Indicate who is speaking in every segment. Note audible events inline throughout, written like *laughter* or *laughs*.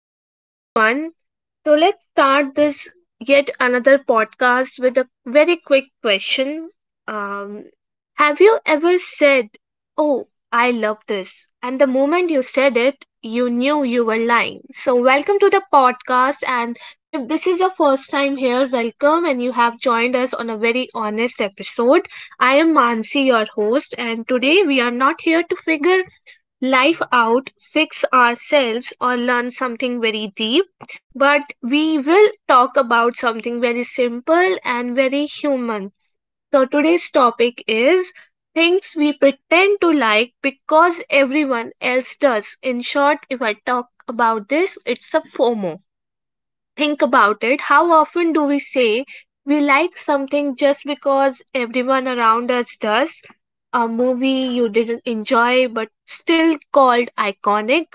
Speaker 1: Hello, everyone. So, let's start this yet another podcast with a very quick question. Um, have you ever said, "Oh, I love this?" And the moment you said it, you knew you were lying. So, welcome to the podcast. And if this is your first time here, welcome. And you have joined us on a very honest episode. I am Mansi, your host. And today we are not here to figure life out, fix ourselves, or learn something very deep. But we will talk about something very simple and very human. So, today's topic is things we pretend to like because everyone else does. In short, if I talk about this, it's a FOMO. Think about it, how often do we say we like something just because everyone around us does? A movie you didn't enjoy but still called iconic,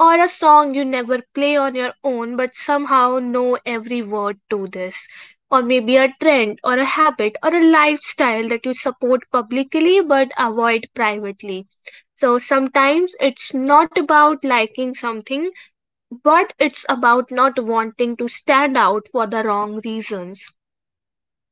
Speaker 1: or a song you never play on your own but somehow know every word to this. Or maybe a trend or a habit or a lifestyle that you support publicly but avoid privately. So sometimes it's not about liking something but it's about not wanting to stand out for the wrong reasons.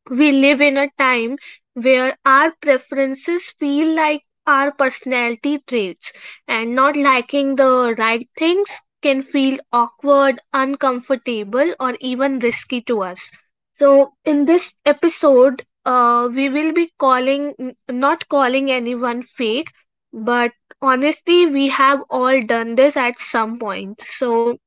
Speaker 1: We live in a time where our preferences feel like our personality traits, and not liking the right things can feel awkward, uncomfortable, or even risky to us. So, in this episode, we will be calling, not calling anyone fake, but honestly, we have all done this at some point. So,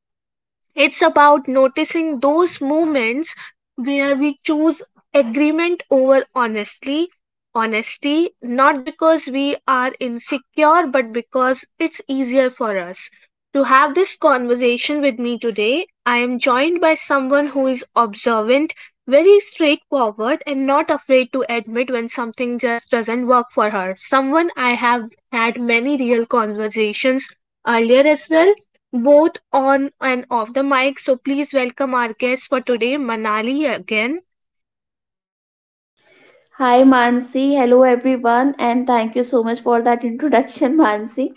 Speaker 1: it's about noticing those moments where we choose agreement over honestly honesty, not because we are insecure but because it's easier for us. To have this conversation with me today, I am joined by someone who is observant, very straightforward, and not afraid to admit when something just doesn't work for her, someone I have had many real conversations earlier as well, both on and off the mic. So please welcome our guest for today, Manali again.
Speaker 2: Hi Mansi, hello everyone, and thank you so much for that introduction, *laughs* Mansi.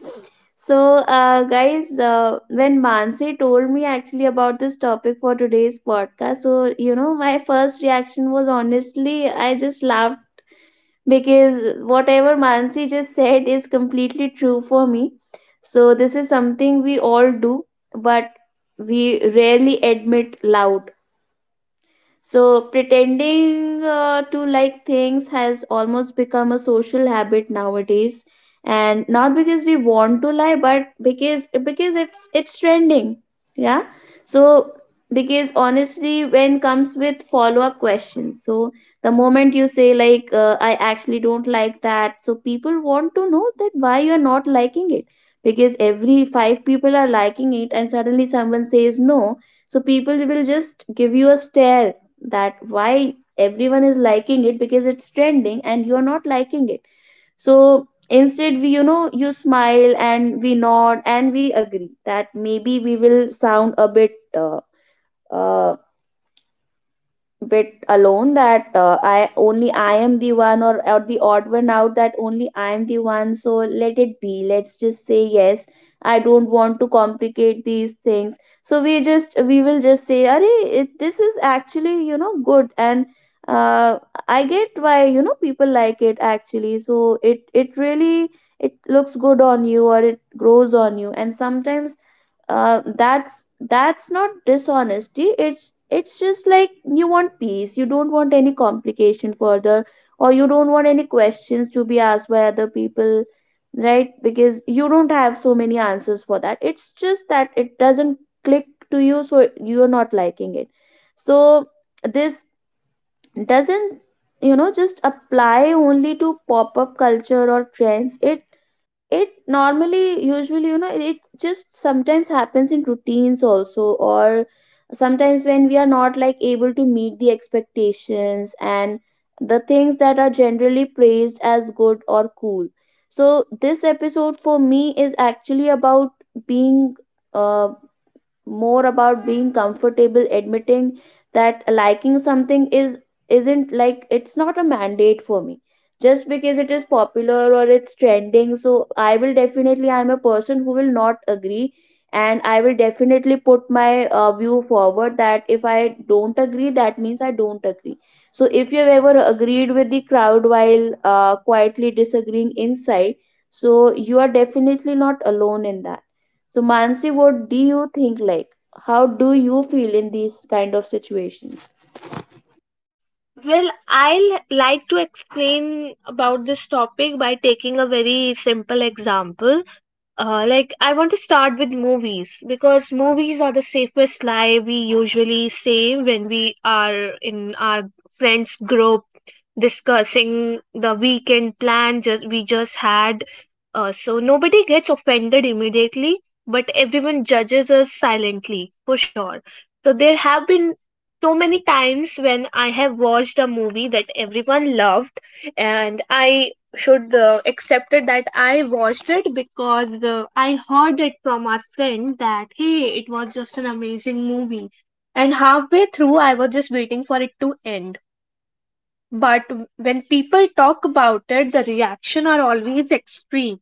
Speaker 2: So guys, when Mansi told me actually about this topic for today's podcast, so you know, my first reaction was honestly, I just laughed because whatever Mansi just said is completely true for me. So, this is something we all do, but we rarely admit loud, so pretending to like things has almost become a social habit nowadays, and not because we want to lie, but because it's trending. Yeah. So because honestly, when comes with follow up questions, so the moment you say like, I actually don't like that, so people want to know that why you are not liking it. Because every five people are liking it, and suddenly someone says no, so people will just give you a stare that why everyone is liking it because it's trending and you're not liking it, so instead we, you know, you smile and we nod and we agree that maybe we will sound a bit uh, bit alone, that I only I am the one or the odd one out, that only I am the one. So let it be, let's just say yes, I don't want to complicate these things, so we will just say "Arey, it, this is actually, you know, good, and uh, I get why, you know, people like it actually, so it really it looks good on you or it grows on you. And sometimes that's not dishonesty, it's just like you want peace, you don't want any complication further, or you don't want any questions to be asked by other people, right? Because you don't have so many answers for that, it's just that it doesn't click to you, so you're not liking it. So this doesn't, you know, just apply only to pop up culture or trends, it normally, usually, you know, it just sometimes happens in routines also, or sometimes when we are not like able to meet the expectations and the things that are generally praised as good or cool. So, this episode for me is actually about being uh, more about being comfortable admitting that liking something is isn't like, it's not a mandate for me just because it is popular or it's trending, so I will definitely, I'm a person who will not agree, and I will definitely put my view forward that if I don't agree, that means I don't agree. So if you've ever agreed with the crowd while quietly disagreeing inside, so you are definitely not alone in that. So, Mansi, what do you think? Like, how do you feel in these kind of situations?
Speaker 1: Well, I'll like to explain about this topic by taking a very simple example. Like, I want to start with movies because movies are the safest lie we usually say when we are in our friends group discussing the weekend plan just we just had. So nobody gets offended immediately, but everyone judges us silently for sure. So there have been so many times when I have watched a movie that everyone loved, and I should accept it that I watched it because I heard it from our friend that, hey, it was just an amazing movie. And halfway through, I was just waiting for it to end. But when people talk about it, the reaction are always extreme.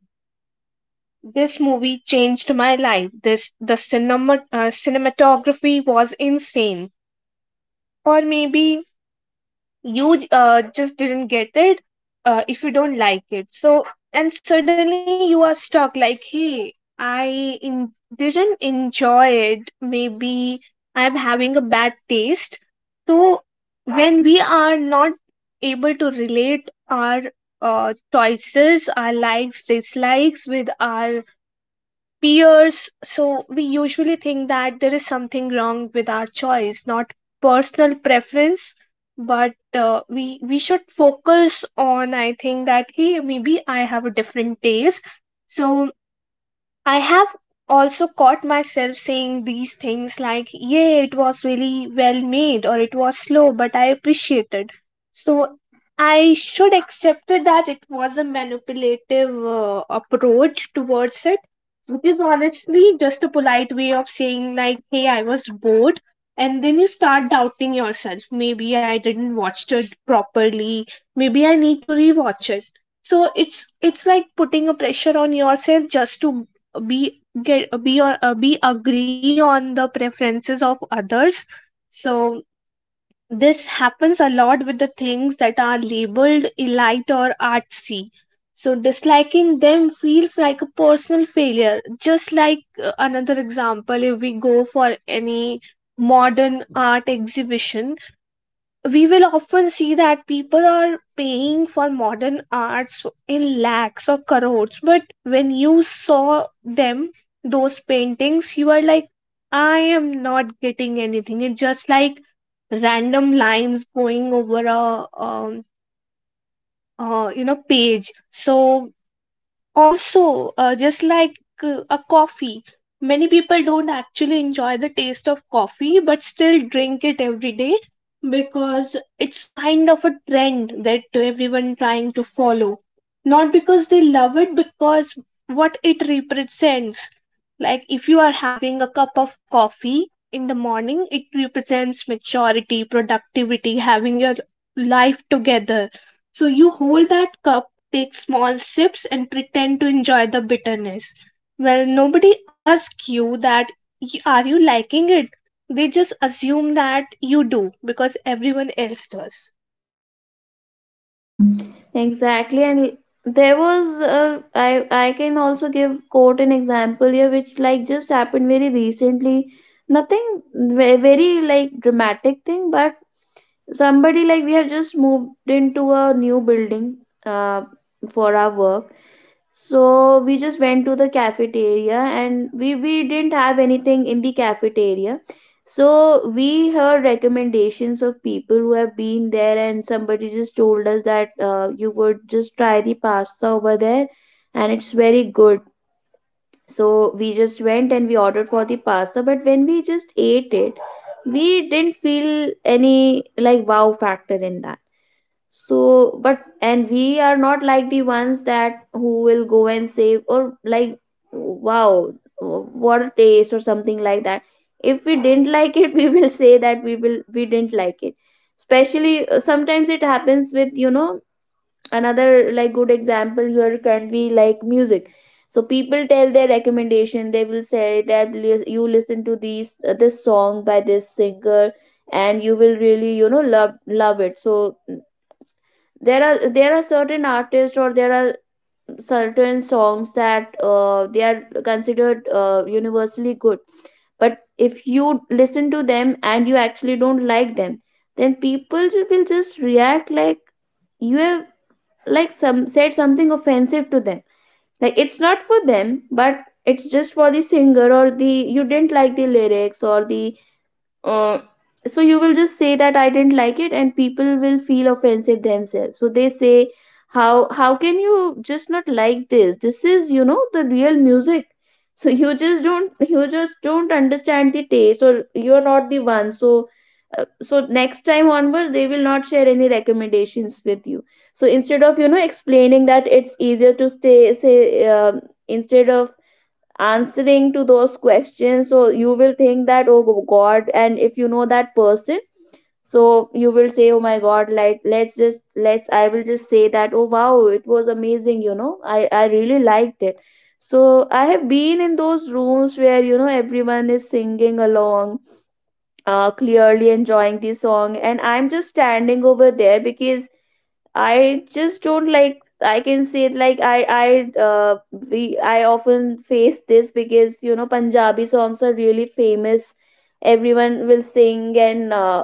Speaker 1: This movie changed my life. This The cinematography was insane. Or maybe you just didn't get it if you don't like it. So, and suddenly you are stuck like, hey, I didn't enjoy it, maybe I'm having a bad taste. So when we are not able to relate our choices, our likes, dislikes with our peers, so we usually think that there is something wrong with our choice, not personal preference. But we should focus on, I think, that, hey, maybe I have a different taste. So I have also caught myself saying these things like, yeah, it was really well made, or it was slow but I appreciated. So I should accept it that it was a manipulative approach towards it, which is honestly just a polite way of saying, like, hey, I was bored. And then you start doubting yourself. Maybe I didn't watch it properly. Maybe I need to rewatch it. So it's like putting a pressure on yourself just to be get be or be agree on the preferences of others. So this happens a lot with the things that are labeled elite or artsy, so disliking them feels like a personal failure. Just like, another example, if we go for any modern art exhibition, we will often see that people are paying for modern arts in lakhs or crores, but when you saw them, those paintings, you are like, I am not getting anything. It's just like random lines going over a you know, page. So also, just like a coffee, many people don't actually enjoy the taste of coffee but still drink it every day because it's kind of a trend that everyone trying to follow, not because they love it, because what it represents. Like, if you are having a cup of coffee in the morning, it represents maturity, productivity, having your life together. So you hold that cup, take small sips and pretend to enjoy the bitterness. Well, nobody asks you that, " Are you liking it?" They just assume that you do because everyone else does.
Speaker 2: Exactly, and there was, uh, I can also give quote an example here, which like just happened very recently. Nothing very like dramatic thing, but somebody like we have just moved into a new building uh, for our work. So we just went to the cafeteria and we didn't have anything in the cafeteria. So we heard recommendations of people who have been there, and somebody just told us that, you would just try the pasta over there and it's very good. So we just went and we ordered for the pasta, but when we just ate it, we didn't feel any like wow factor in that. So but and we are not like the ones that who will go and save or like wow, what a taste or something like that. If we didn't like it, *laughs* we will say that we didn't like it. Especially sometimes it happens with, you know, another like good example here can be like music. So people tell their recommendation, they will say that you listen to these this song by this singer and you will really, you know, love it. So there are certain artists, or there are certain songs that they are considered universally good, but if you listen to them and you actually don't like them, then people will just react like you have like some said something offensive to them. Like it's not for them, but it's just for the singer, or the you didn't like the lyrics or the uh, so you will just say that I didn't like it, and people will feel offensive themselves, so they say, how can you just not like this is, you know, the real music. So *laughs* you just don't understand the taste, or you're not the one. So next time onwards they will not share any recommendations with you. So instead of, you know, explaining that, it's easier to stay say instead of answering to those questions. So you will think that oh god, and if you know that person, so you will say, oh my god, like let's just let's I will just say that oh wow, it was amazing, you know, i really liked it. So I have been in those rooms where, you know, everyone is singing along, clearly enjoying the song, and I'm just standing over there because I just don't like, I can say it like I often face this because, you know, Punjabi songs are really famous. Everyone will sing and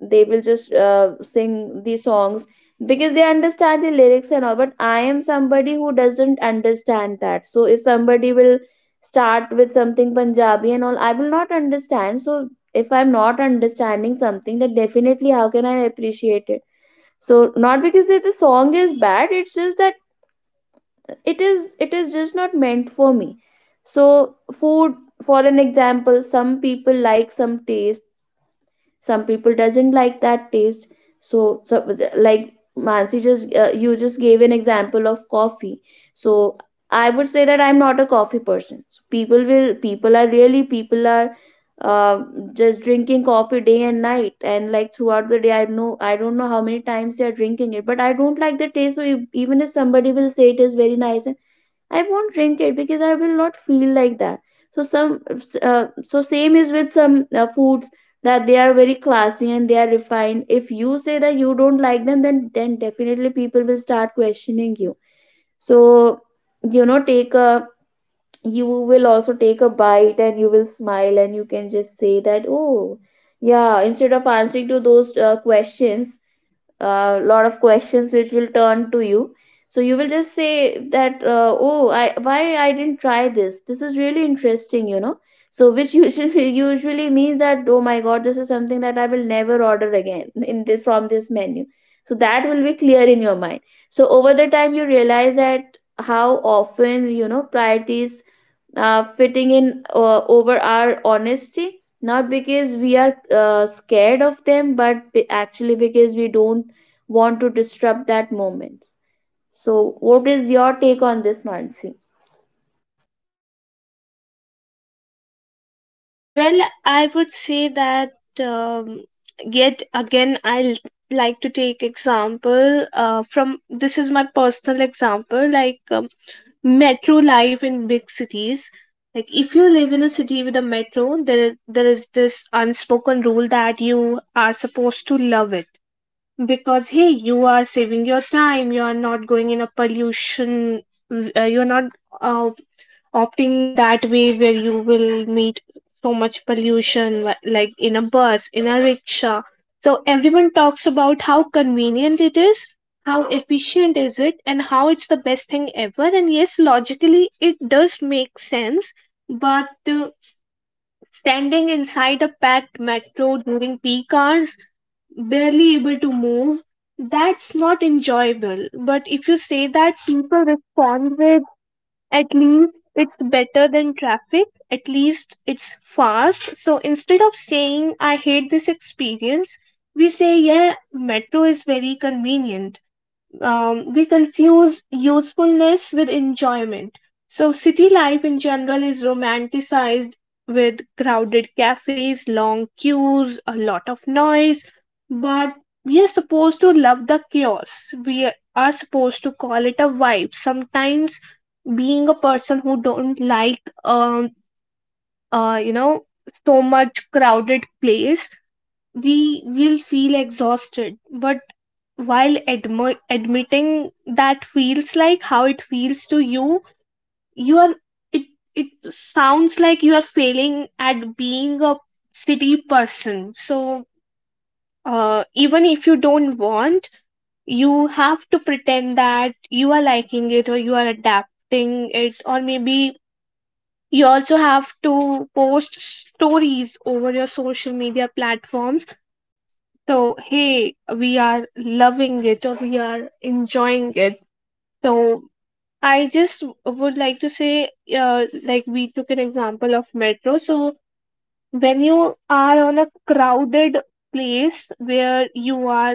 Speaker 2: they will just sing these songs because they understand the lyrics and all. But I am somebody who doesn't understand that. So if somebody will start with something Punjabi and all, I will not understand. So if I'm not understanding something, then definitely how can I appreciate it? So not because that the song is bad, it's just that it is just not meant for me. So food, for an example, some people like some taste, some people doesn't like that taste. So, like Mansi just you just gave an example of coffee. So I would say that I'm not a coffee person, so people will people are really people are uh, just drinking coffee day and night, and like throughout the day, I know, I don't know how many times they are drinking it, but I don't like the taste. So even if somebody will say it is very nice, I won't drink it because I will not feel like that. So some, so same is with some foods that they are very classy and they are refined. If you say that you don't like them, then definitely people will start questioning you. So you know, take a, you will also take a bite and you will smile, and you can just say that oh yeah, instead of answering to those questions, a lot of questions which will turn to you. So you will just say that, oh I, why I didn't try this, this is really interesting, you know. So which usually *laughs* usually means that oh my god, this is something that I will never order again *laughs* in this from this menu. So that will be clear in your mind. So over the time you realize that how often, you know, priorities fitting in over our honesty, not because we are scared of them, but actually because we don't want to disrupt that moment. So what is your take on this, Mansi?
Speaker 1: Well, I would say that, yet again, like to take example from, this is my personal example. Like, metro life in big cities. Like, if you live in a city with a metro, there is this unspoken rule that you are supposed to love it, because, hey, you are saving your time, you are not going in a pollution, you're not uh, opting that way where you will meet so much pollution, like in a bus, in a rickshaw. So everyone talks about how convenient it is, how efficient is it, and how it's the best thing ever. And yes, logically it does make sense, but standing inside a packed metro during peak hours, barely able to move, that's not enjoyable. But if you say that, people respond with, "At least it's better than traffic. At least it's fast." So instead of saying, "I hate this experience," we say, "Yeah, metro is very convenient." We confuse usefulness with enjoyment. So, city life in general is romanticized with crowded cafes, long queues, a lot of noise, but we are supposed to love the chaos. We are supposed to call it a vibe. Sometimes, being a person who don't like, you know, so much crowded place, we will feel exhausted. But while admitting that feels like how it feels to you, you are, it it sounds like you are failing at being a city person. So even if you don't want, you have to pretend that you are liking it, or you are adapting it, or maybe you also have to post stories over your social media platforms, so, hey, we are loving it or we are enjoying it. So I just would like to say, like, we took an example of metro. So when you are on a crowded place where you are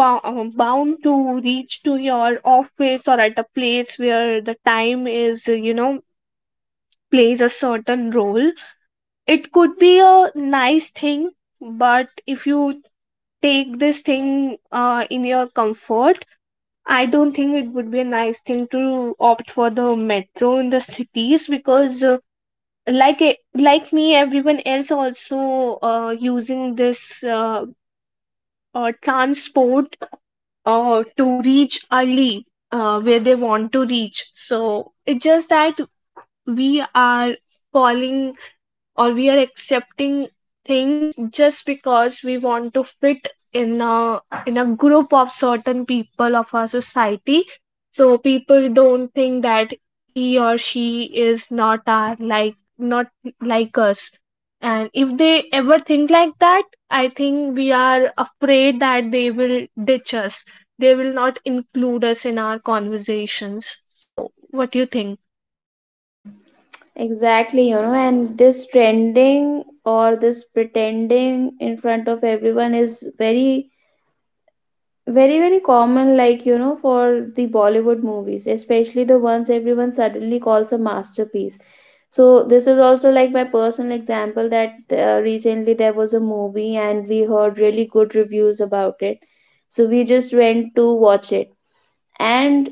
Speaker 1: bound to reach to your office or at a place where the time is, you know, plays a certain role, it could be a nice thing. But if you take this thing in your comfort, I don't think it would be a nice thing to opt for the metro in the cities because, like like me, everyone else also using this transport to reach early where they want to reach. So it's just that we are calling, or we are accepting things just because we want to fit in a, in a group of certain people of our society, so people don't think that he or she is not our, like, not like us. And if they ever think like that, I think we are afraid that they will ditch us, they will not include us in our conversations. So what do you think?
Speaker 2: Exactly, you know, and this trending or this pretending in front of everyone is very very common, like you know, for the Bollywood movies, especially the ones everyone suddenly calls a masterpiece. So this is also like my personal example, that recently there was a movie and we heard really good reviews about it, so we just went to watch it. And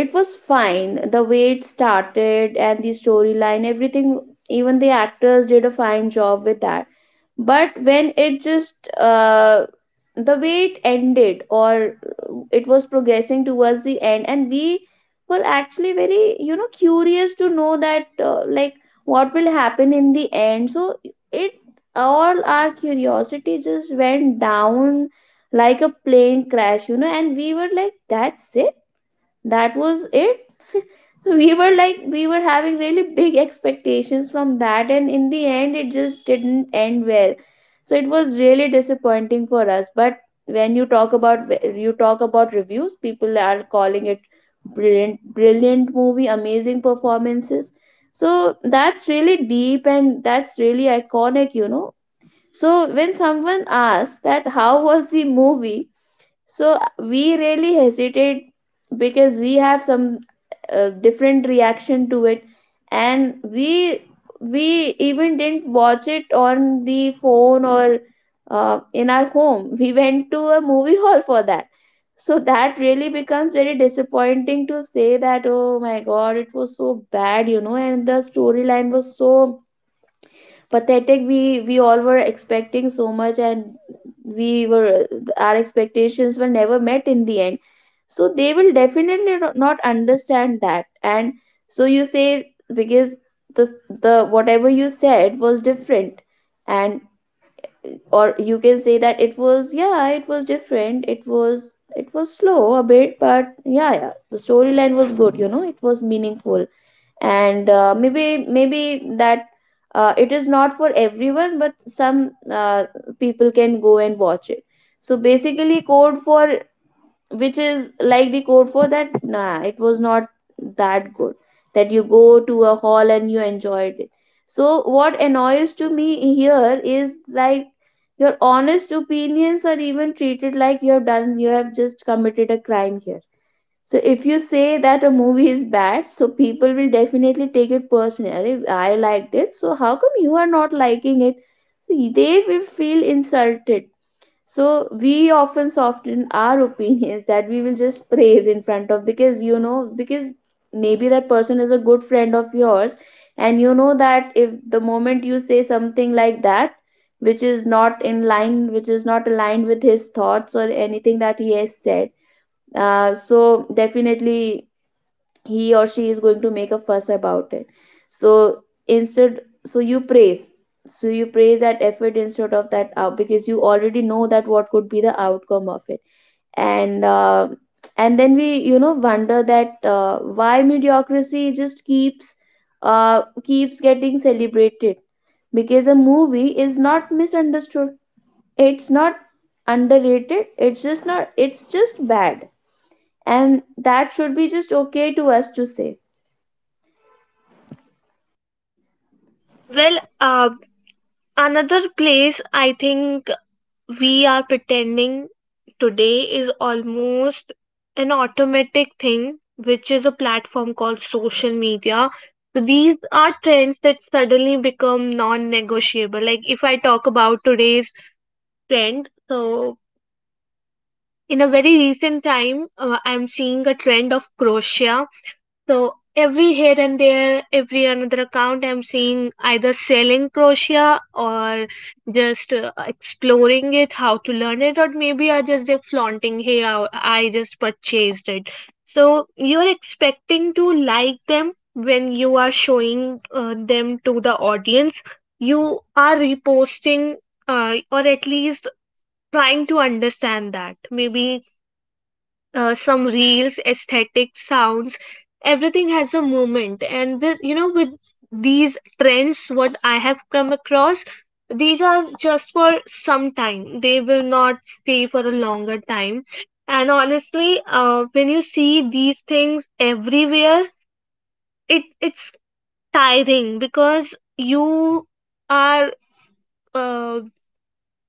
Speaker 2: it was fine, the way it started and the storyline, everything, even the actors did a fine job with that. But when it just the way it ended or it was progressing towards the end, and we were actually very, you know, curious to know that, like what will happen in the end. So it all our curiosity just went down like a plane crash, you know, and we were like that's it, that was it. So we were like we were having really big expectations from that, and in the end it just didn't end well. So it was really disappointing for us. But when you talk about reviews, people are calling it brilliant, brilliant movie, amazing performances. So that's really deep and that's really iconic, you know. So when someone asks that how was the movie, so we really hesitate because we have some different reaction to it, and we even didn't watch it on the phone, or in our home. We went to a movie hall for that. So that really becomes very disappointing to say that, oh my god, it was so bad, and the storyline was so pathetic. We all were expecting so much, and we were, our expectations were never met in the end. So they will definitely not understand that. And so you say, because the the whatever you said was different. And or you can say that it was, yeah, it was different, it was, it was slow a bit, but yeah, the storyline was good, it was meaningful. And maybe that it is not for everyone, but some people can go and watch it. So basically code for, which is like the code for that, nah, it was not that good, that you go to a hall and you enjoyed it. So what annoys to me here is like, your honest opinions are even treated like you have just committed a crime here. So if you say that a movie is bad, so people will definitely take it personally. "Arey, I liked it, so how come you are not liking it? So they will feel insulted." So we often soften our *laughs* opinions, that we will just praise in front of, because because maybe that person is a good friend of yours, and you know that if the moment you say something like that which is not in line, which is not aligned with his thoughts or anything that he has said, so definitely he or she is going to make a fuss about it. So, instead, you praise, so you praise that effort instead of that out, because you already know that what could be the outcome of it. And and then we, you know, wonder that why mediocrity just keeps keeps getting celebrated. Because a movie is not misunderstood, it's not underrated, it's just not, it's just bad. And that should be just okay to us to say.
Speaker 1: Well, uh, another place I think we are pretending today is almost an automatic thing, which is a platform called social media. So these are trends that suddenly become non negotiable. Like, if I talk about today's trend, so in a very recent time, I'm seeing a trend of crochet. So every here and there, every another account, I'm seeing either selling crochet or just exploring it, how to learn it, or maybe I just, they're flaunting, hey, I just purchased it. So you're expecting to like them when you are showing them to the audience. You are reposting or at least trying to understand that. Maybe some reels, aesthetics, sounds, everything has a moment. And with, you know, with these trends, what I have come across, these are just for some time. They will not stay for a longer time. And honestly, when you see these things everywhere, it's tiring because you are uh,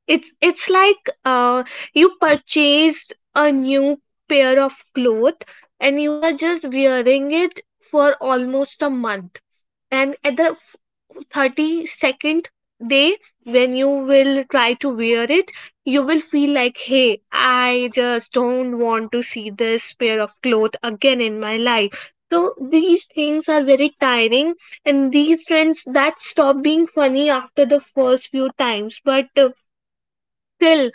Speaker 1: it's like you purchased a new pair of clothes and you are just wearing it for almost a month, and at the 32nd day, when you will try to wear it, you will feel like, hey, I just don't want to see this pair of clothes again in my life. So these things are very tiring, and these trends that stop being funny after the first few times, but still,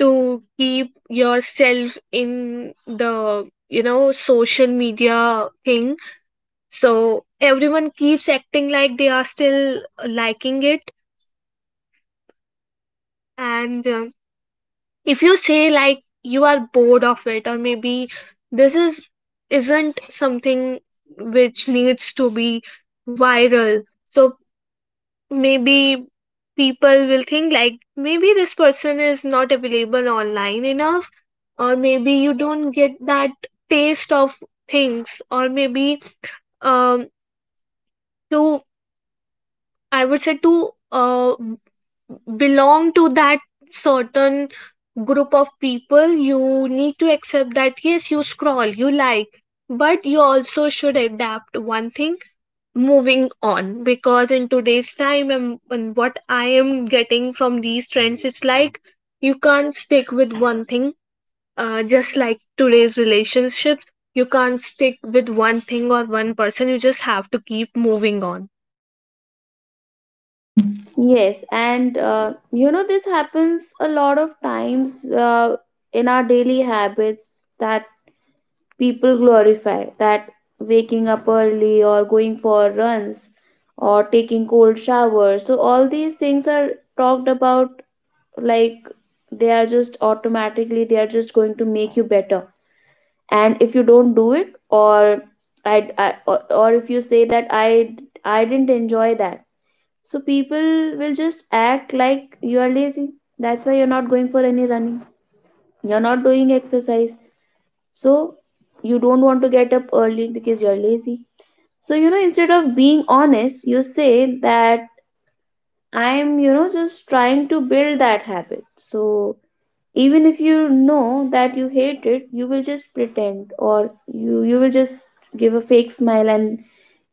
Speaker 1: to keep yourself in the social media thing, so everyone keeps acting like they are still liking it. And if you say like you are bored of it, or maybe this is isn't something which needs to be viral, so maybe people will think like, maybe this person is not available online enough, or maybe you don't get that taste of things, or maybe um to I would say, to belong to that certain group of people, you need to accept that yes, you scroll, you like, but you also should adapt one thing: moving on. Because in today's time, and what I am getting from these trends, it's like you can't stick with one thing. Just like today's relationships, you can't stick with one thing or one person, you just have to keep moving on.
Speaker 2: Yes, and you know, this happens a lot of times in our daily habits, that people glorify that waking up early or going for runs or taking cold showers. So all these things are talked about like they are just automatically, they are just going to make you better. And if you don't do it, or or if you say that I didn't enjoy that, so people will just act like you are lazy. That's why you're not going for any running. You're not doing exercise. So you don't want to get up early because you're lazy. So, you know, instead of being honest, you say that I'm, you know, just trying to build that habit. So even if you know that you hate it, you will just pretend, or you will just give a fake smile and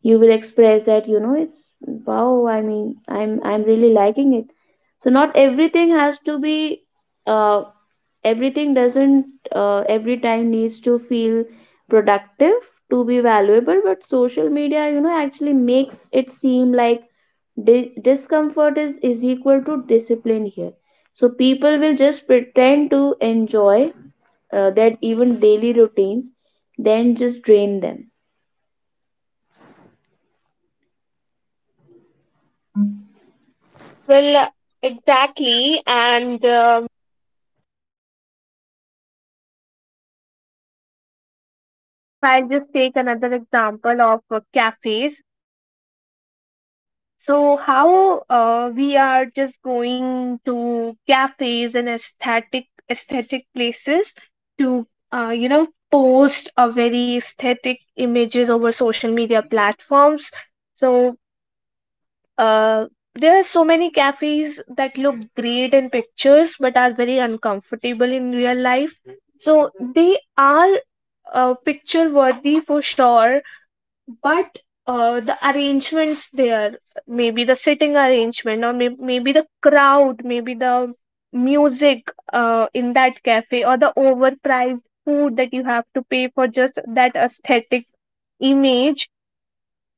Speaker 2: you will express that, you know, it's wow, I mean, I'm really liking it. So not everything has to be uh, everything doesn't every time needs to feel productive to be valuable, but social media, you know, actually makes it seem like discomfort is equal to discipline here. So people will just pretend to enjoy their even daily routines, then just drain them.
Speaker 1: Well, exactly. And if I just take another example of cafes. So how we are just going to cafes and aesthetic places to post a very aesthetic images over social media platforms. So uh, there are so many cafes that look great in pictures, but are very uncomfortable in real life. So they are picture worthy for sure, but the arrangements there, maybe the sitting arrangement, or maybe the crowd, maybe the music in that cafe, or the overpriced food that you have to pay for, just that aesthetic image,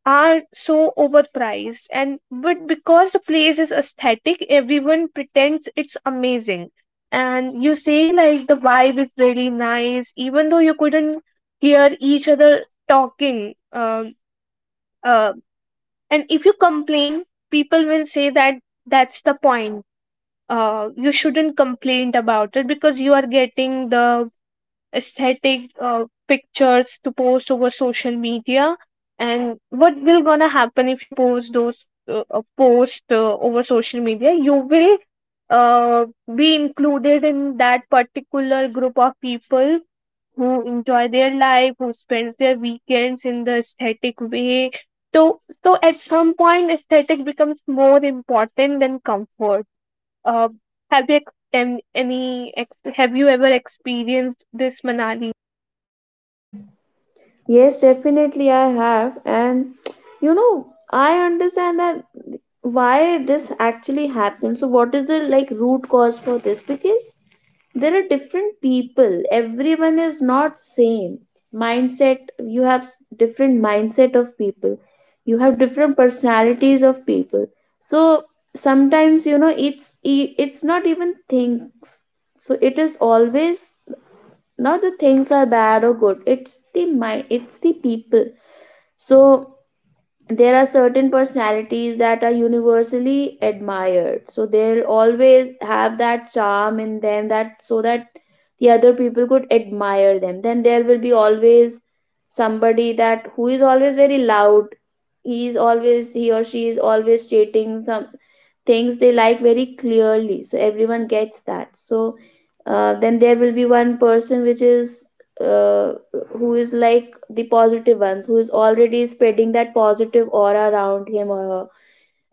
Speaker 1: are so overpriced. And but because the place is aesthetic, everyone pretends it's amazing, and you say like the vibe is really nice, even though you couldn't hear each other talking. Um uh, and if you complain, people will say that that's the point. You shouldn't complain about it because you are getting the aesthetic pictures to post over social media. And what will gonna happen if you post those post over social media, you will uh, be included in that particular group of people who enjoy their life, who spends their weekends in the aesthetic way. So, at some point, aesthetic becomes more important than comfort. Uh, have you ex- em- any ex- have you ever experienced this, Manali?
Speaker 2: Yes, definitely I have. And you know, I understand that why this actually happens. So what is the like root cause for this? Because there are different people. Everyone is not same. Mindset, you have different mindset of people. You have different personalities of people. So sometimes, you know, it's not even things. So it is always, not the things are bad or good, it's the mind, it's the people. So there are certain personalities that are universally admired. So they'll always have that charm in them, that so that the other people could admire them. Then there will be always somebody that who is always very loud. He or she is always stating some things they like very clearly, so everyone gets that. So then there will be one person which is uh, who is like the positive ones, who is already spreading that positive aura around him or her,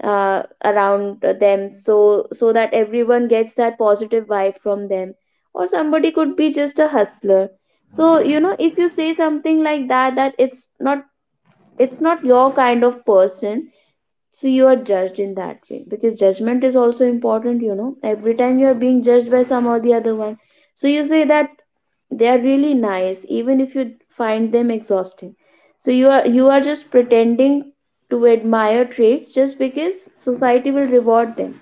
Speaker 2: uh, around them, so so that everyone gets that positive vibe from them. Or somebody could be just a hustler. So you know, if you say something like that, that it's not, it's not your kind of person, so you are judged in that way. Because judgment is also important, you know, every time you are being judged by some or the other one. So you say that they are really nice, even if you find them exhausting. So you are just pretending to admire traits just because society will reward them.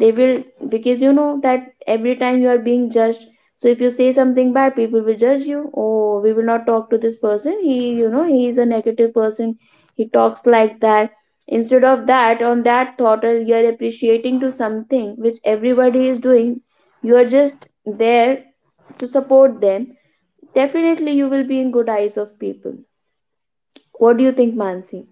Speaker 2: They will, because you know that every time you are being judged. So if you say something bad, people will judge you. Oh, we will not talk to this person, he, you know, he is a negative person, he talks like that. Instead of that, on that thought, you are appreciating to something which everybody is doing. You are just there to support them. Definitely you will be in good eyes of people. What do you think, Mansi?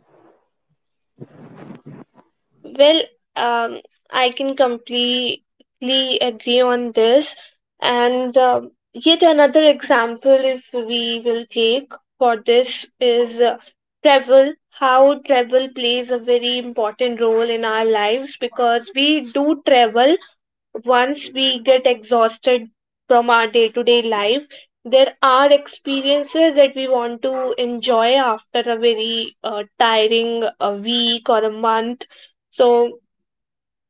Speaker 1: Well, um, I can completely agree on this. And yet another example, if we will take for this, is travel. How travel plays a very important role in our lives, because we do travel once we get exhausted from our day to day life. There are experiences that we want to enjoy after a very tiring week or a month. So,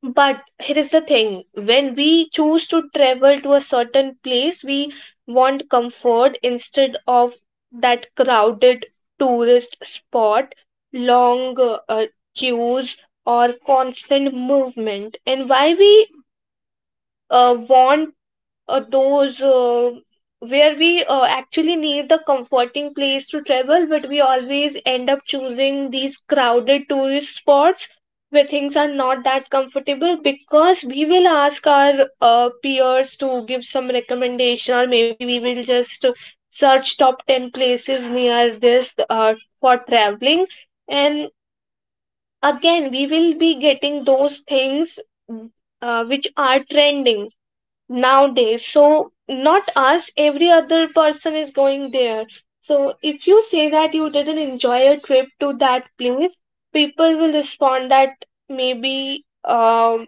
Speaker 1: but here is the thing: when we choose to travel to a certain place, we want comfort instead of that crowded tourist spot, long queues, or constant movement. And why we want those where we actually need the comforting place to travel, but we always end up choosing these crowded tourist spots where things are not that comfortable, because we will ask our peers to give some recommendation, or maybe we will just search top 10 places near this for traveling. And again, we will be getting those things which are trending nowadays, so not us, every other person is going there. So if you say that you didn't enjoy a trip to that place, people will respond that maybe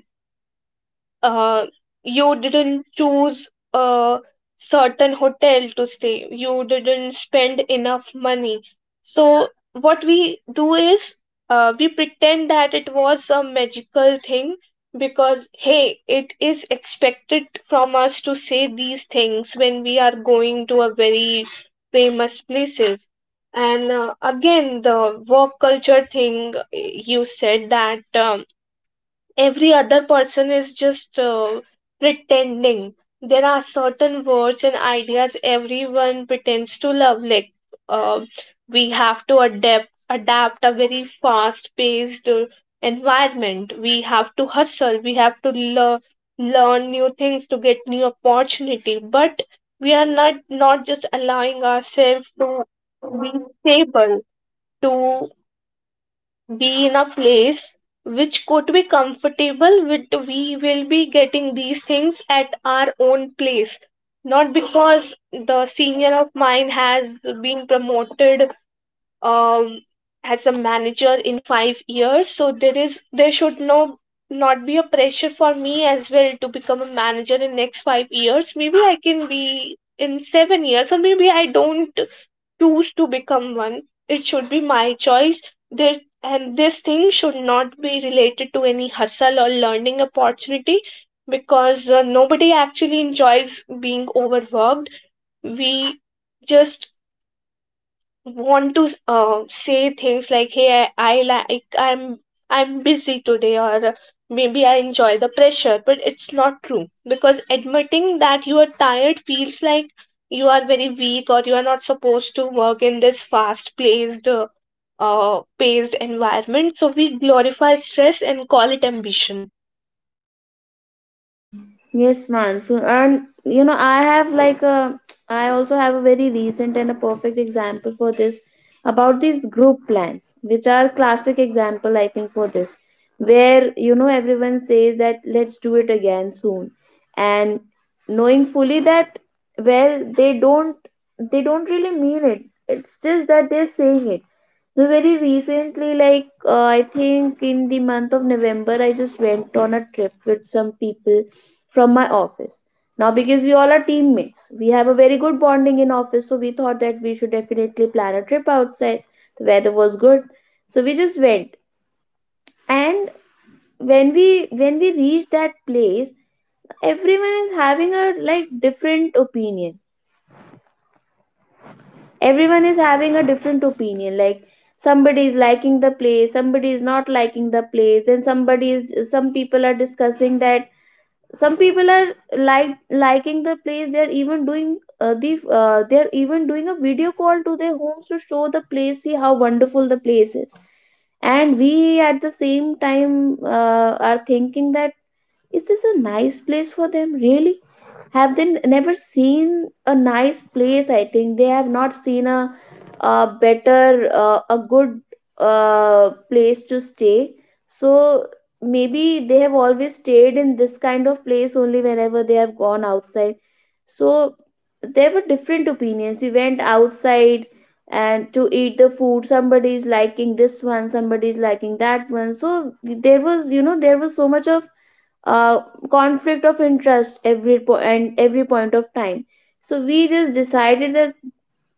Speaker 1: uh, you didn't choose a certain hotel to stay, you didn't spend enough money. So what we do is we pretend that it was a magical thing, because hey, it is expected from us to say these things when we are going to a very famous places. And again, the work culture thing, you said that every other person is just pretending. There are certain words and ideas everyone pretends to love. Like uh, we have to adapt a very fast-paced environment. We have to hustle. We have to learn new things to get new opportunity. But we are not just allowing ourselves to be stable, to be in a place which could be comfortable with. We will be getting these things at our own place, not because the senior of mine has been promoted um, as a manager in 5 years, so there should not be a pressure for me as well to become a manager in next 5 years. Maybe I can be in 7 years, or maybe I don't choose to become one. It should be my choice. There and this thing should not be related to any hustle or learning opportunity, because nobody actually enjoys being overworked. We just want to say things like, hey, I like I'm busy today, or maybe I enjoy the pressure. But it's not true, because admitting that you are tired feels like you are very weak, or you are not supposed to work in this fast paced environment, so we glorify stress and call it ambition.
Speaker 2: Yes, man. So, and you know, I have like a, I also have a very recent and a perfect example for this, about these group plans, which are classic example, I think, for this, where you know everyone says that let's do it again soon, and knowing fully that, well, they don't really mean it. It's just that they're saying it. So very recently, like I think in the month of November, I just went on a trip with some people from my office. Now, because we all are teammates, we have a very good bonding in office, so we thought that we should definitely plan a trip outside. The weather was good, so we just went. And when we reached that place, everyone is having a like different opinion. Everyone is having a different opinion. Like somebody is liking the place, somebody is not liking the place. Then some people are discussing that, some people are like liking the place, they're even doing they're even doing a video call to their homes to show the place, see how wonderful the place is. And we at the same time are thinking that, is this a nice place for them? Really? Have they never seen a nice place? I think they have not seen a better, a good place to stay. So maybe they have always stayed in this kind of place only whenever they have gone outside. So there were different opinions. We went outside, and to eat the food, somebody is liking this one, somebody is liking that one. So there was, you know, there was so much of uh, conflict of interest every po- and every point of time. So we just decided that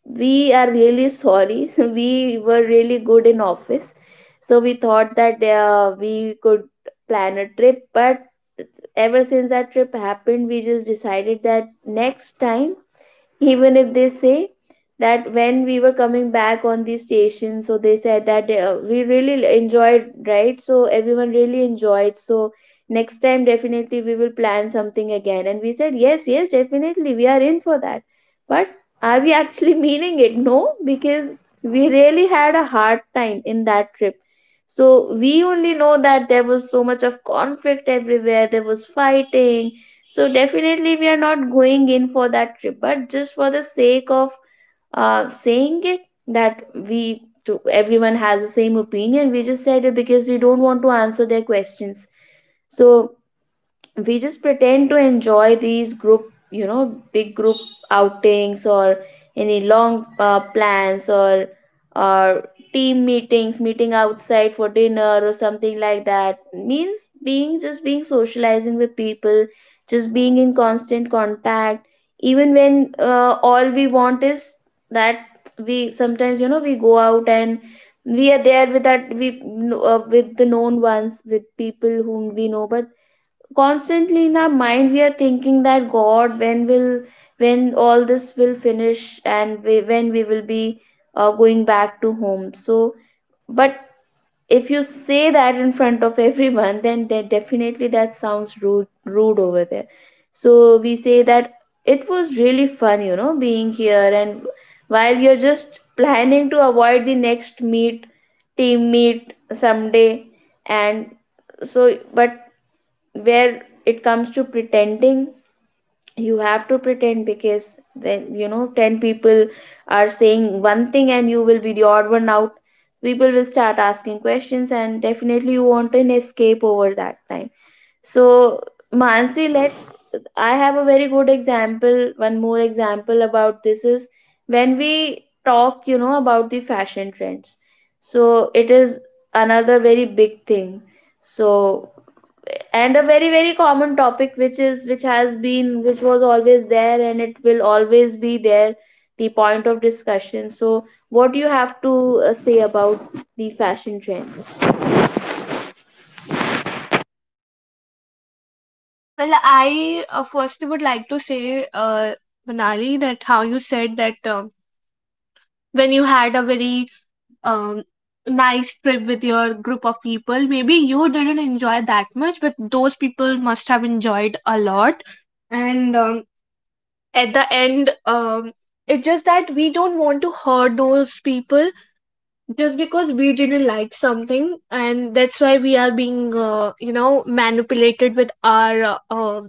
Speaker 2: we are really sorry. *laughs* So we were really good in office, so we thought that we could plan a trip, but ever since that trip happened, we just decided that next time, even if they say that, when we were coming back on the station, so they said that we really enjoyed, right? So everyone really enjoyed, so next time definitely we will plan something again, and we said yes, yes, definitely we are in for that. But are we actually *laughs* meaning it? No, because we really had a hard time in that trip. So we only know that there was so much of conflict everywhere, there was fighting. So definitely we are not going in for that trip, but just for the sake of saying it, that we, to everyone has the same opinion, we just said it because we don't want to answer their questions. So we just pretend to enjoy these group, big group outings or any long plans, or team meeting outside for dinner or something like that means being just being socializing with people, just being in constant contact, even when all we want is that we sometimes we go out and we are there with that we with the known ones, with people whom we know. But constantly in our mind we are thinking that god, when will, when all this will finish, and when we will be going back to home. So but if you say that in front of *laughs* everyone, then definitely that sounds rude over there. So we say that it was really fun being here, and while you're just planning to avoid the next meet team meet someday. And so but where it comes to pretending, you have to pretend, because then 10 people are saying one thing and you will be the odd one out. People will start asking questions, and definitely you want an escape over that time. So, Mansi, let's I have a very good example, one more example about this is when we talk, you know, about the fashion trends. So it is another very big thing. So and a very common topic, which is, which has been which was always there and it will always be there, the point of discussion. So what do you have to say about the fashion trends?
Speaker 1: Well, I first would like to say, uh, Manali, that how you said that when you had a very um, nice trip with your group of people. Maybe you didn't enjoy that much, but those people must have enjoyed a lot. And at the end, it's just that we don't want to hurt those people just because we didn't like something, and that's why we are being, manipulated with our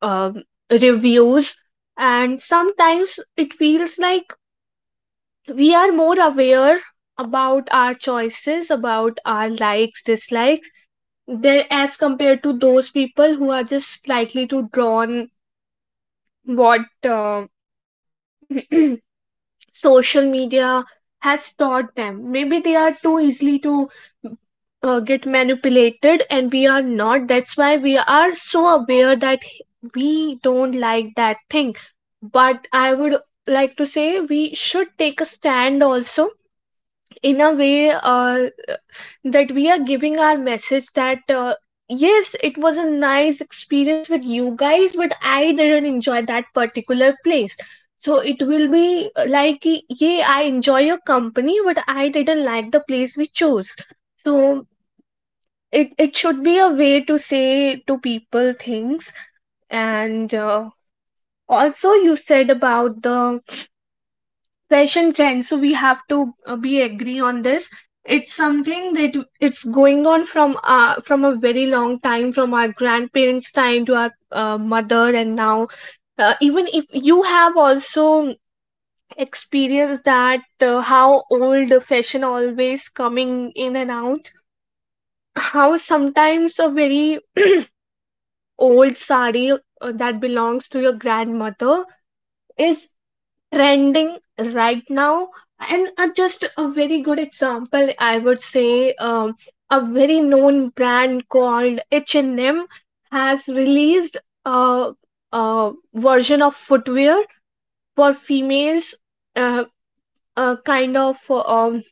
Speaker 1: um, reviews. And sometimes it feels like we are more aware about our choices, about our likes dislikes there, as compared to those people who are just likely to drawn what *clears throat* social media has taught them, maybe they are too easily to get manipulated, and we are not. That's why we are so aware that we don't like that thing. But I would like to say, we should take a stand also, in a way that we are giving our message that yes, it was a nice experience with you guys, but I didn't enjoy that particular place. So it will be like ki, yeah, I enjoy your company, but I didn't like the place we chose. So it should be a way to say to people things. And also, you said about the fashion trends, so we have to be agree on this. It's something that it's going on from a very long time, from our grandparents time to our mother, and now even if you have also experienced that how old fashion always coming in and out, how sometimes a very old sari that belongs to your grandmother is trending right now. And just a very good example I would say, a very known brand called H&M has released a, a version of footwear for females, uh, a kind of um,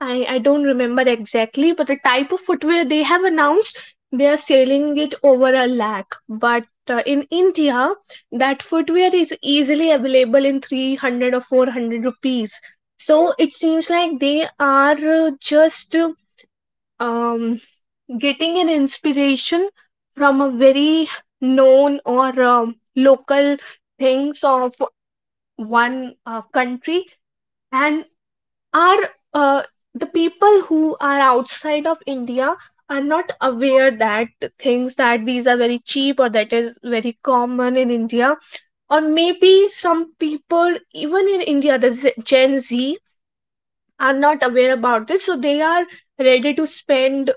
Speaker 1: I don't remember exactly, but the type of footwear they have announced, they are selling it over a lakh. But in India, that footwear is easily available in 300 or 400 rupees. So it seems like they are just um, getting an inspiration from a very known, or local things of one country, and are uh, the people who are outside of India are not aware that things, that these are very cheap, or that is very common in India. Or maybe some people, even in India, the Gen Z are not aware about this, so they are ready to spend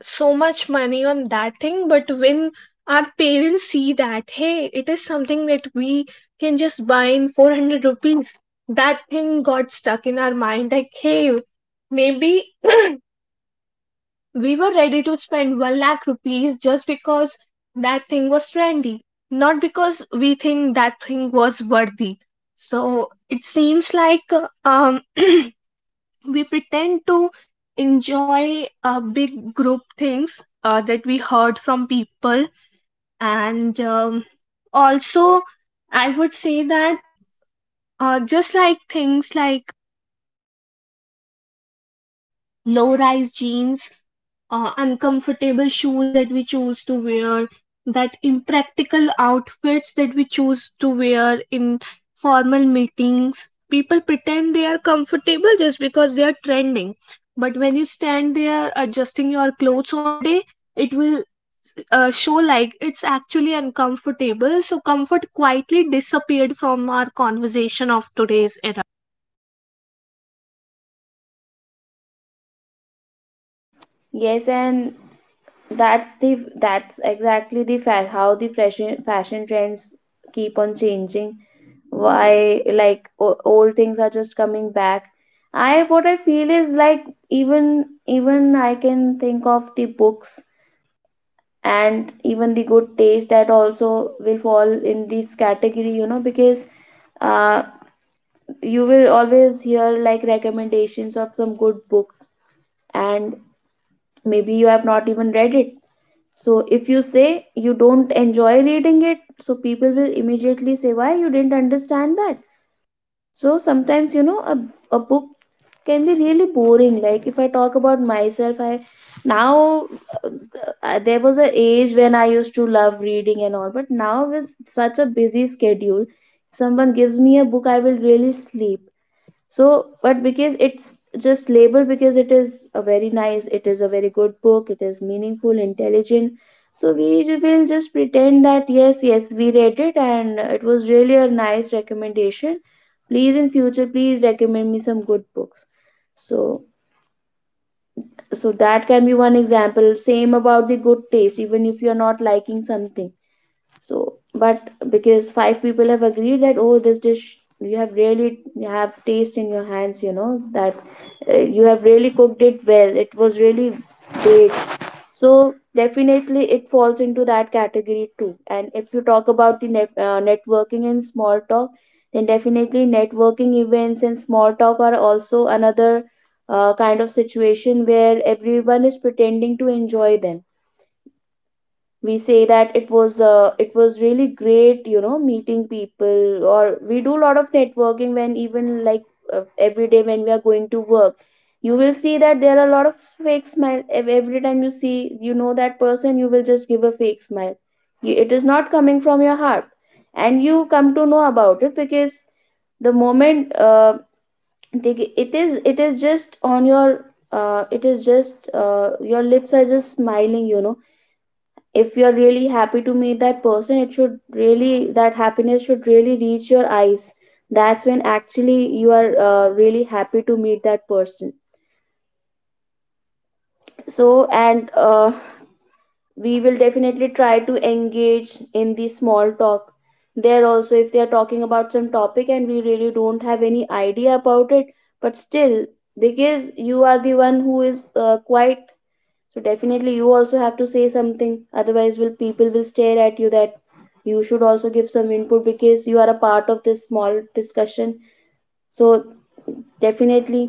Speaker 1: so much money on that thing. But when our parents see that, hey, it is something that we can just buy in 400 rupees, that thing got stuck in our mind, like, hey, maybe *clears throat* we were ready to spend 1 lakh rupees just because that thing was trendy, not because we think that thing was worthy. So it seems like um *clears throat* we pretend to enjoy big group things that we heard from people. And also, I would say that just like things like low rise jeans, uncomfortable shoes that we choose to wear, that impractical outfits that we choose to wear in formal meetings. People pretend they are comfortable just because they are trending. But when you stand there adjusting your clothes all day, it will show like it's actually uncomfortable. So, comfort quietly disappeared from our conversation of today's era.
Speaker 2: Yes, and that's the that's exactly the fact how the fashion trends keep on changing. Why like old things are just coming back? I what I feel is like even even I can think of the books, and even the good taste, that also will fall in this category, you know, because uh, you will always hear like recommendations of some good books, and maybe you have not even read it. So if you say you don't enjoy reading it, so people will immediately say why, you didn't understand that? So sometimes, you know, a book can be really boring. Like if I talk about myself, I now uh, there was a age when I used to love reading and all, but now with such a busy schedule, if someone gives me a book, I will really sleep. So, but because it's just labeled, because it is a very nice, it is a very good book, it is meaningful, intelligent. So we will just pretend that yes, yes, we read it and it was really a nice recommendation. Please in future, please recommend me some good books. So, so that can be one example. Same about the good taste, even if you are not liking something, so but because five people have agreed that, oh, this dish, you have really, you have taste in your hands, you know, that you have really cooked it well, it was really great. So definitely it falls into that category too. And if you talk about the networking and small talk, then definitely networking events and small talk are also another kind of situation where everyone is pretending to enjoy them. We say that it was really great, you know, meeting people, or we do a lot of networking, when even like every day when we are going to work, you will see that there are a lot of fake smile. Every time you see, you know, that person, you will just give a fake smile. It is not coming from your heart, and you come to know about it because the moment it is, it is just on your it is just your lips are just smiling, you know? If you are really happy to meet that person, it should really, that happiness should really reach your eyes. That's when actually you are really happy to meet that person. So and we will definitely try to engage in the small talk there also. If they are talking about some topic and we really don't have any idea about it, but still, because you are the one who is quite, so definitely you also have to say something. Otherwise will people will stare at you that you should also give some input, because you are a part of this small discussion. So definitely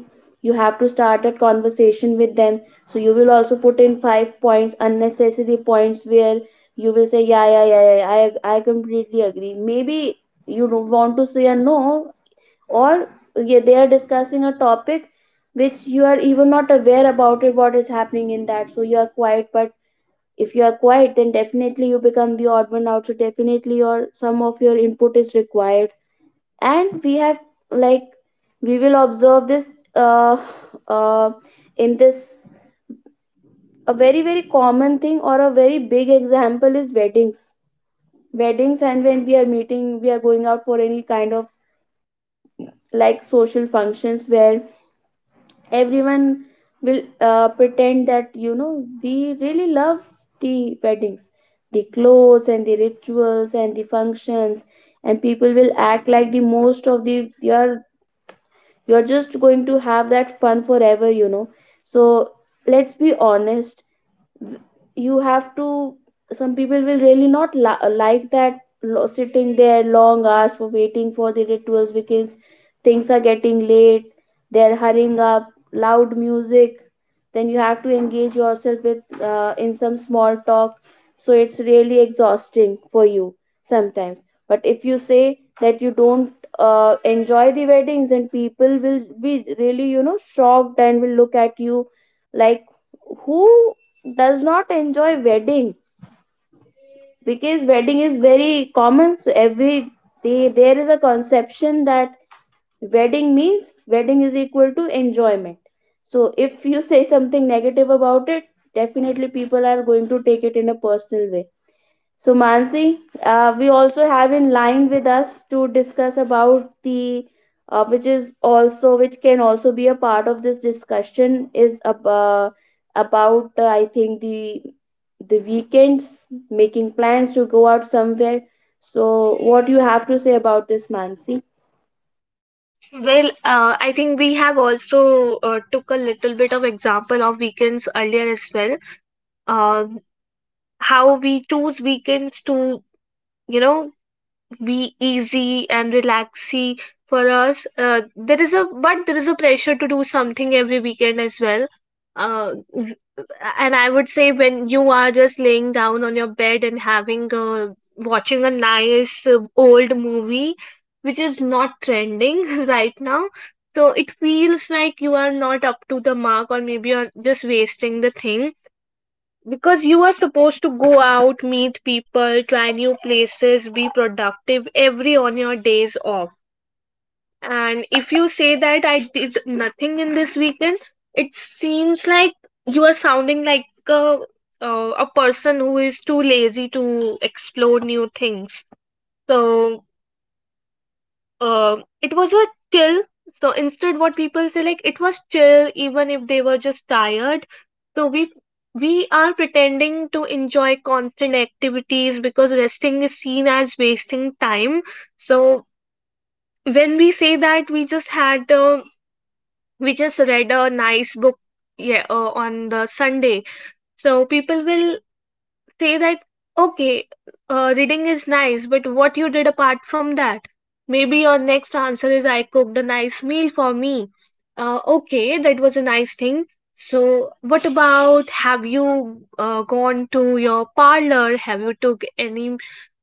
Speaker 2: you have to start that conversation with them. So you will also put in five points, unnecessary points, where you will say yeah, yeah, yeah, yeah, I completely agree, maybe. You don't want to say a no. Or yeah, they are discussing a topic which you are even not aware about it, what is happening in that, so you are quiet. But if you are quiet, then definitely you become the odd one out, so definitely your, some of your input is required. And we have like, we will observe this uh, uh, in this, a very very common thing or a very big example is weddings. Weddings, and when we are meeting, we are going out for any kind of like social functions, where everyone will pretend that, you know, we really love the weddings, the clothes and the rituals and the functions. And people will act like the most of the, you're just going to have that fun forever, you know. So let's be honest, you have to, some people will really not like that sitting there long hours for waiting for the rituals, because things are getting late, they're hurrying up, loud music, then you have to engage yourself with in some small talk. So it's really exhausting for you sometimes. But if you say that you don't enjoy the weddings, then people will be really, you know, shocked and will look at you like, who does not enjoy wedding? Because wedding is very common, so every, they, there is a conception that wedding means wedding is equal to enjoyment. So if you say something negative about it, definitely people are going to take it in a personal way. So, Mansi, we also have in line with us to discuss about the, which is also, which can also be a part of this discussion, is about, I think, the weekends, making plans to go out somewhere. So, what you have to say about this, Mansi?
Speaker 1: Well, I think we have also took a little bit of example of weekends earlier as well. Um how we choose weekends to, you know, be easy and relaxy for us. There is a but there is a pressure to do something every weekend as well. Uh, w- and I would say, when you are just laying down on your bed and watching a nice old movie, which is not trending *laughs* right now. So it feels like you are not up to the mark, or maybe you're just wasting the thing, because you are supposed to go out, meet people, try new places, be productive every on your days off. And if you say that I did nothing in this weekend, it seems like you are sounding like a person who is too lazy to explore new things. So It was a chill, so instead what people say, like, it was chill even if they were just tired. So we are pretending to enjoy constant activities, because resting is seen as wasting time. So when we say that we just read a nice book, yeah, on the Sunday, so people will say that, okay, reading is nice, but what you did apart from that? Maybe your next answer is, I cooked a nice meal for me. Okay, that was a nice thing. So what about, have you gone to your parlor? Have you took any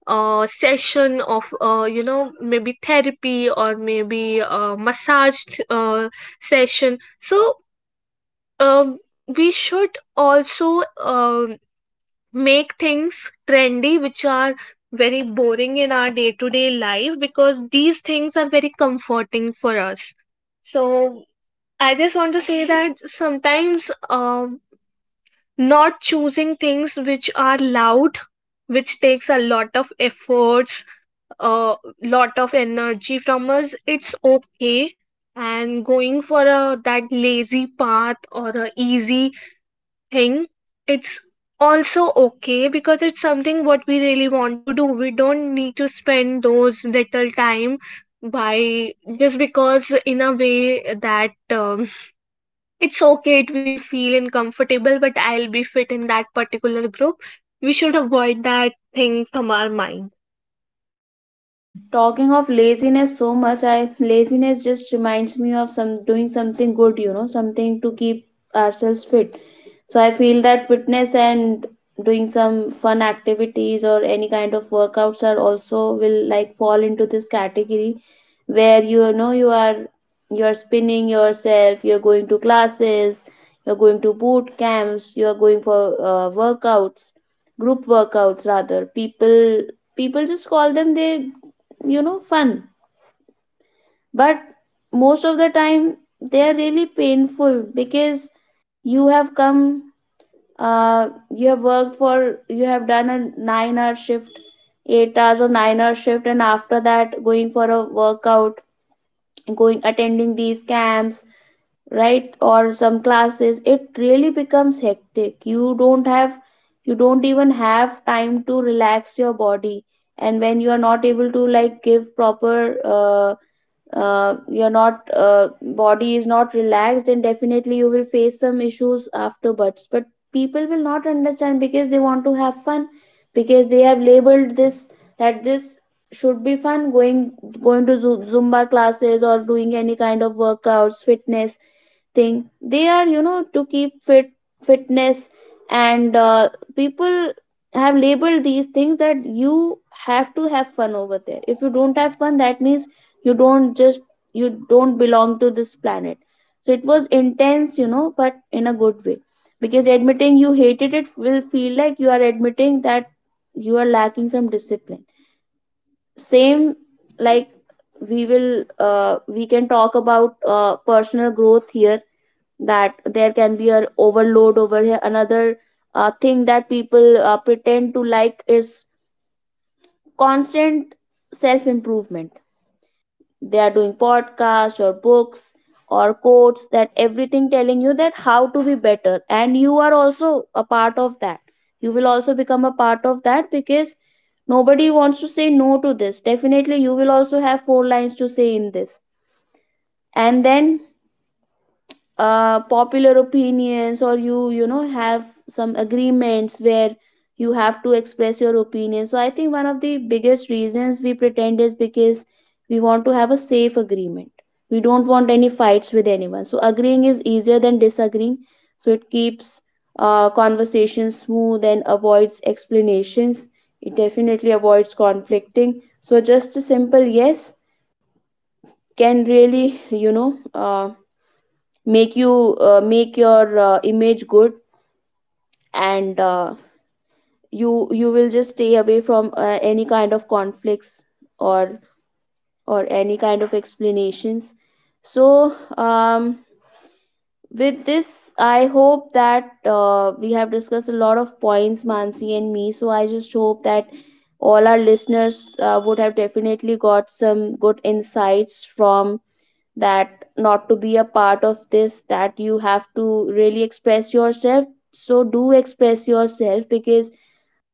Speaker 1: session of maybe therapy, or maybe a massage session? So we should also make things trendy which are very boring in our day to day life, because these things are very comforting for us. So, I just want to say that sometimes not choosing things which are loud, which takes a lot of efforts, a lot of energy from us, it's okay. And going for a that lazy path or a easy thing, it's also okay, because it's something what we really want to do. We don't need to spend those little time by, just because in a way that um, it's okay, it will feel uncomfortable, but I'll be fit in that particular group. We should avoid that thing from our mind.
Speaker 2: Talking of laziness so much, I laziness just reminds me of some doing something good, you know, something to keep ourselves fit. So I feel that fitness and doing some fun activities or any kind of workouts are also will like fall into this category, where you know you are, you're spinning yourself, you're going to classes, you're going to boot camps, you're going for workouts, group workouts rather. People just call them they, you know, fun. But most of the time they are really painful because you have come uh, you have done a 9-hour shift, 8 hours or 9-hour shift, and after that going for a workout, going attending these camps, right, or some classes, it really becomes hectic. You don't have, you don't even have time to relax your body. And when you are not able to like give proper you're not body is not relaxed, and definitely you will face some issues afterwards. But people will not understand because they want to have fun, because they have labeled this, that this should be fun. Going to zumba classes or doing any kind of workouts, fitness thing, they are, you know, to keep fitness. And people have labeled these things that you have to have fun over there. If you don't have fun, that means you don't just, you don't belong to this planet. So it was intense, you know, but in a good way, because admitting you hated it will feel like you are admitting that you are lacking some discipline. Same like we will we can talk about personal growth here, that there can be an overload over here. Another thing that people pretend to like is constant self improvement. They are doing podcasts or books or quotes, that everything telling you that how to be better, and you are also a part of that. You will also become a part of that because nobody wants to say no to this. Definitely, you will also have 4 lines to say in this, and then popular opinions, or you know, have some agreements where you have to express your opinion. So I think one of the biggest reasons we pretend is because we want to have a safe agreement. We don't want any fights with anyone, so agreeing is easier than disagreeing. So it keeps conversations smooth and avoids explanations. It definitely avoids conflicting. So just a simple yes can really, you know, make you make your image good. And you will just stay away from any kind of conflicts or any kind of explanations. So um, with this I hope that we have discussed a lot of points, Mansi and me. So I just hope that all our listeners would have definitely got some good insights from that, not to be a part of this, that you have to really express yourself. So do express yourself, because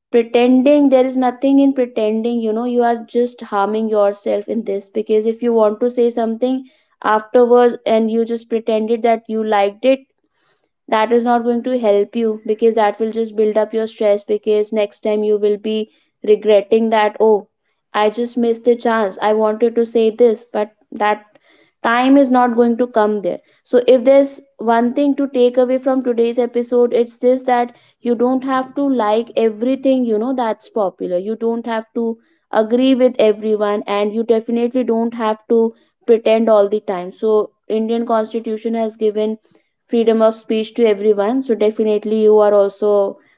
Speaker 2: pretending, there is nothing in pretending, you know, you are just harming yourself in this. Because if you want to say something afterwards and you just pretended that you liked it, that is not going to help you, because that will just build up your stress. Because next time you will be regretting that, oh, I just missed the chance, I wanted to say this. But that time is not going to come there. So if there's one thing to take away from today's episode, it's this, that you don't have to like everything, you know, that's popular. You don't have to agree with everyone, and you definitely don't have to pretend all the time. So Indian constitution has given freedom of speech to everyone. So definitely you are also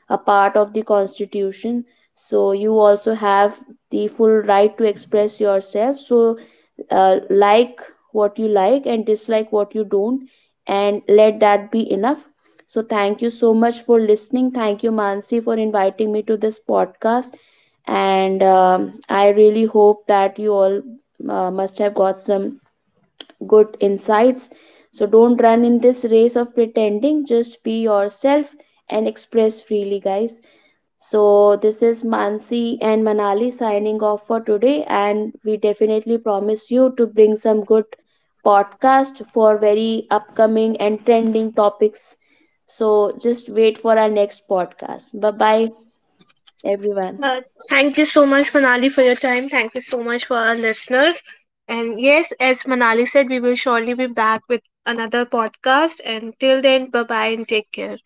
Speaker 2: a part of the constitution. So you also have the full right to express yourself. So like what you like, and dislike what you don't, and let that be enough. So thank you so much for listening, thank you Mansi for inviting me to this podcast. And I really hope that you all must have got some good insights. So don't run in this race of pretending, just be yourself and express freely, guys. So this is Mansi and Manali signing off for today, and we definitely promise you to bring some good podcast for very upcoming and trending topics. So just wait for our next podcast. Bye bye, everyone.
Speaker 1: Uh, thank you so much, Manali, for your time. Thank you so much for our listeners. And yes, as Manali said, we will surely be back with another podcast. And till then, bye bye and take care.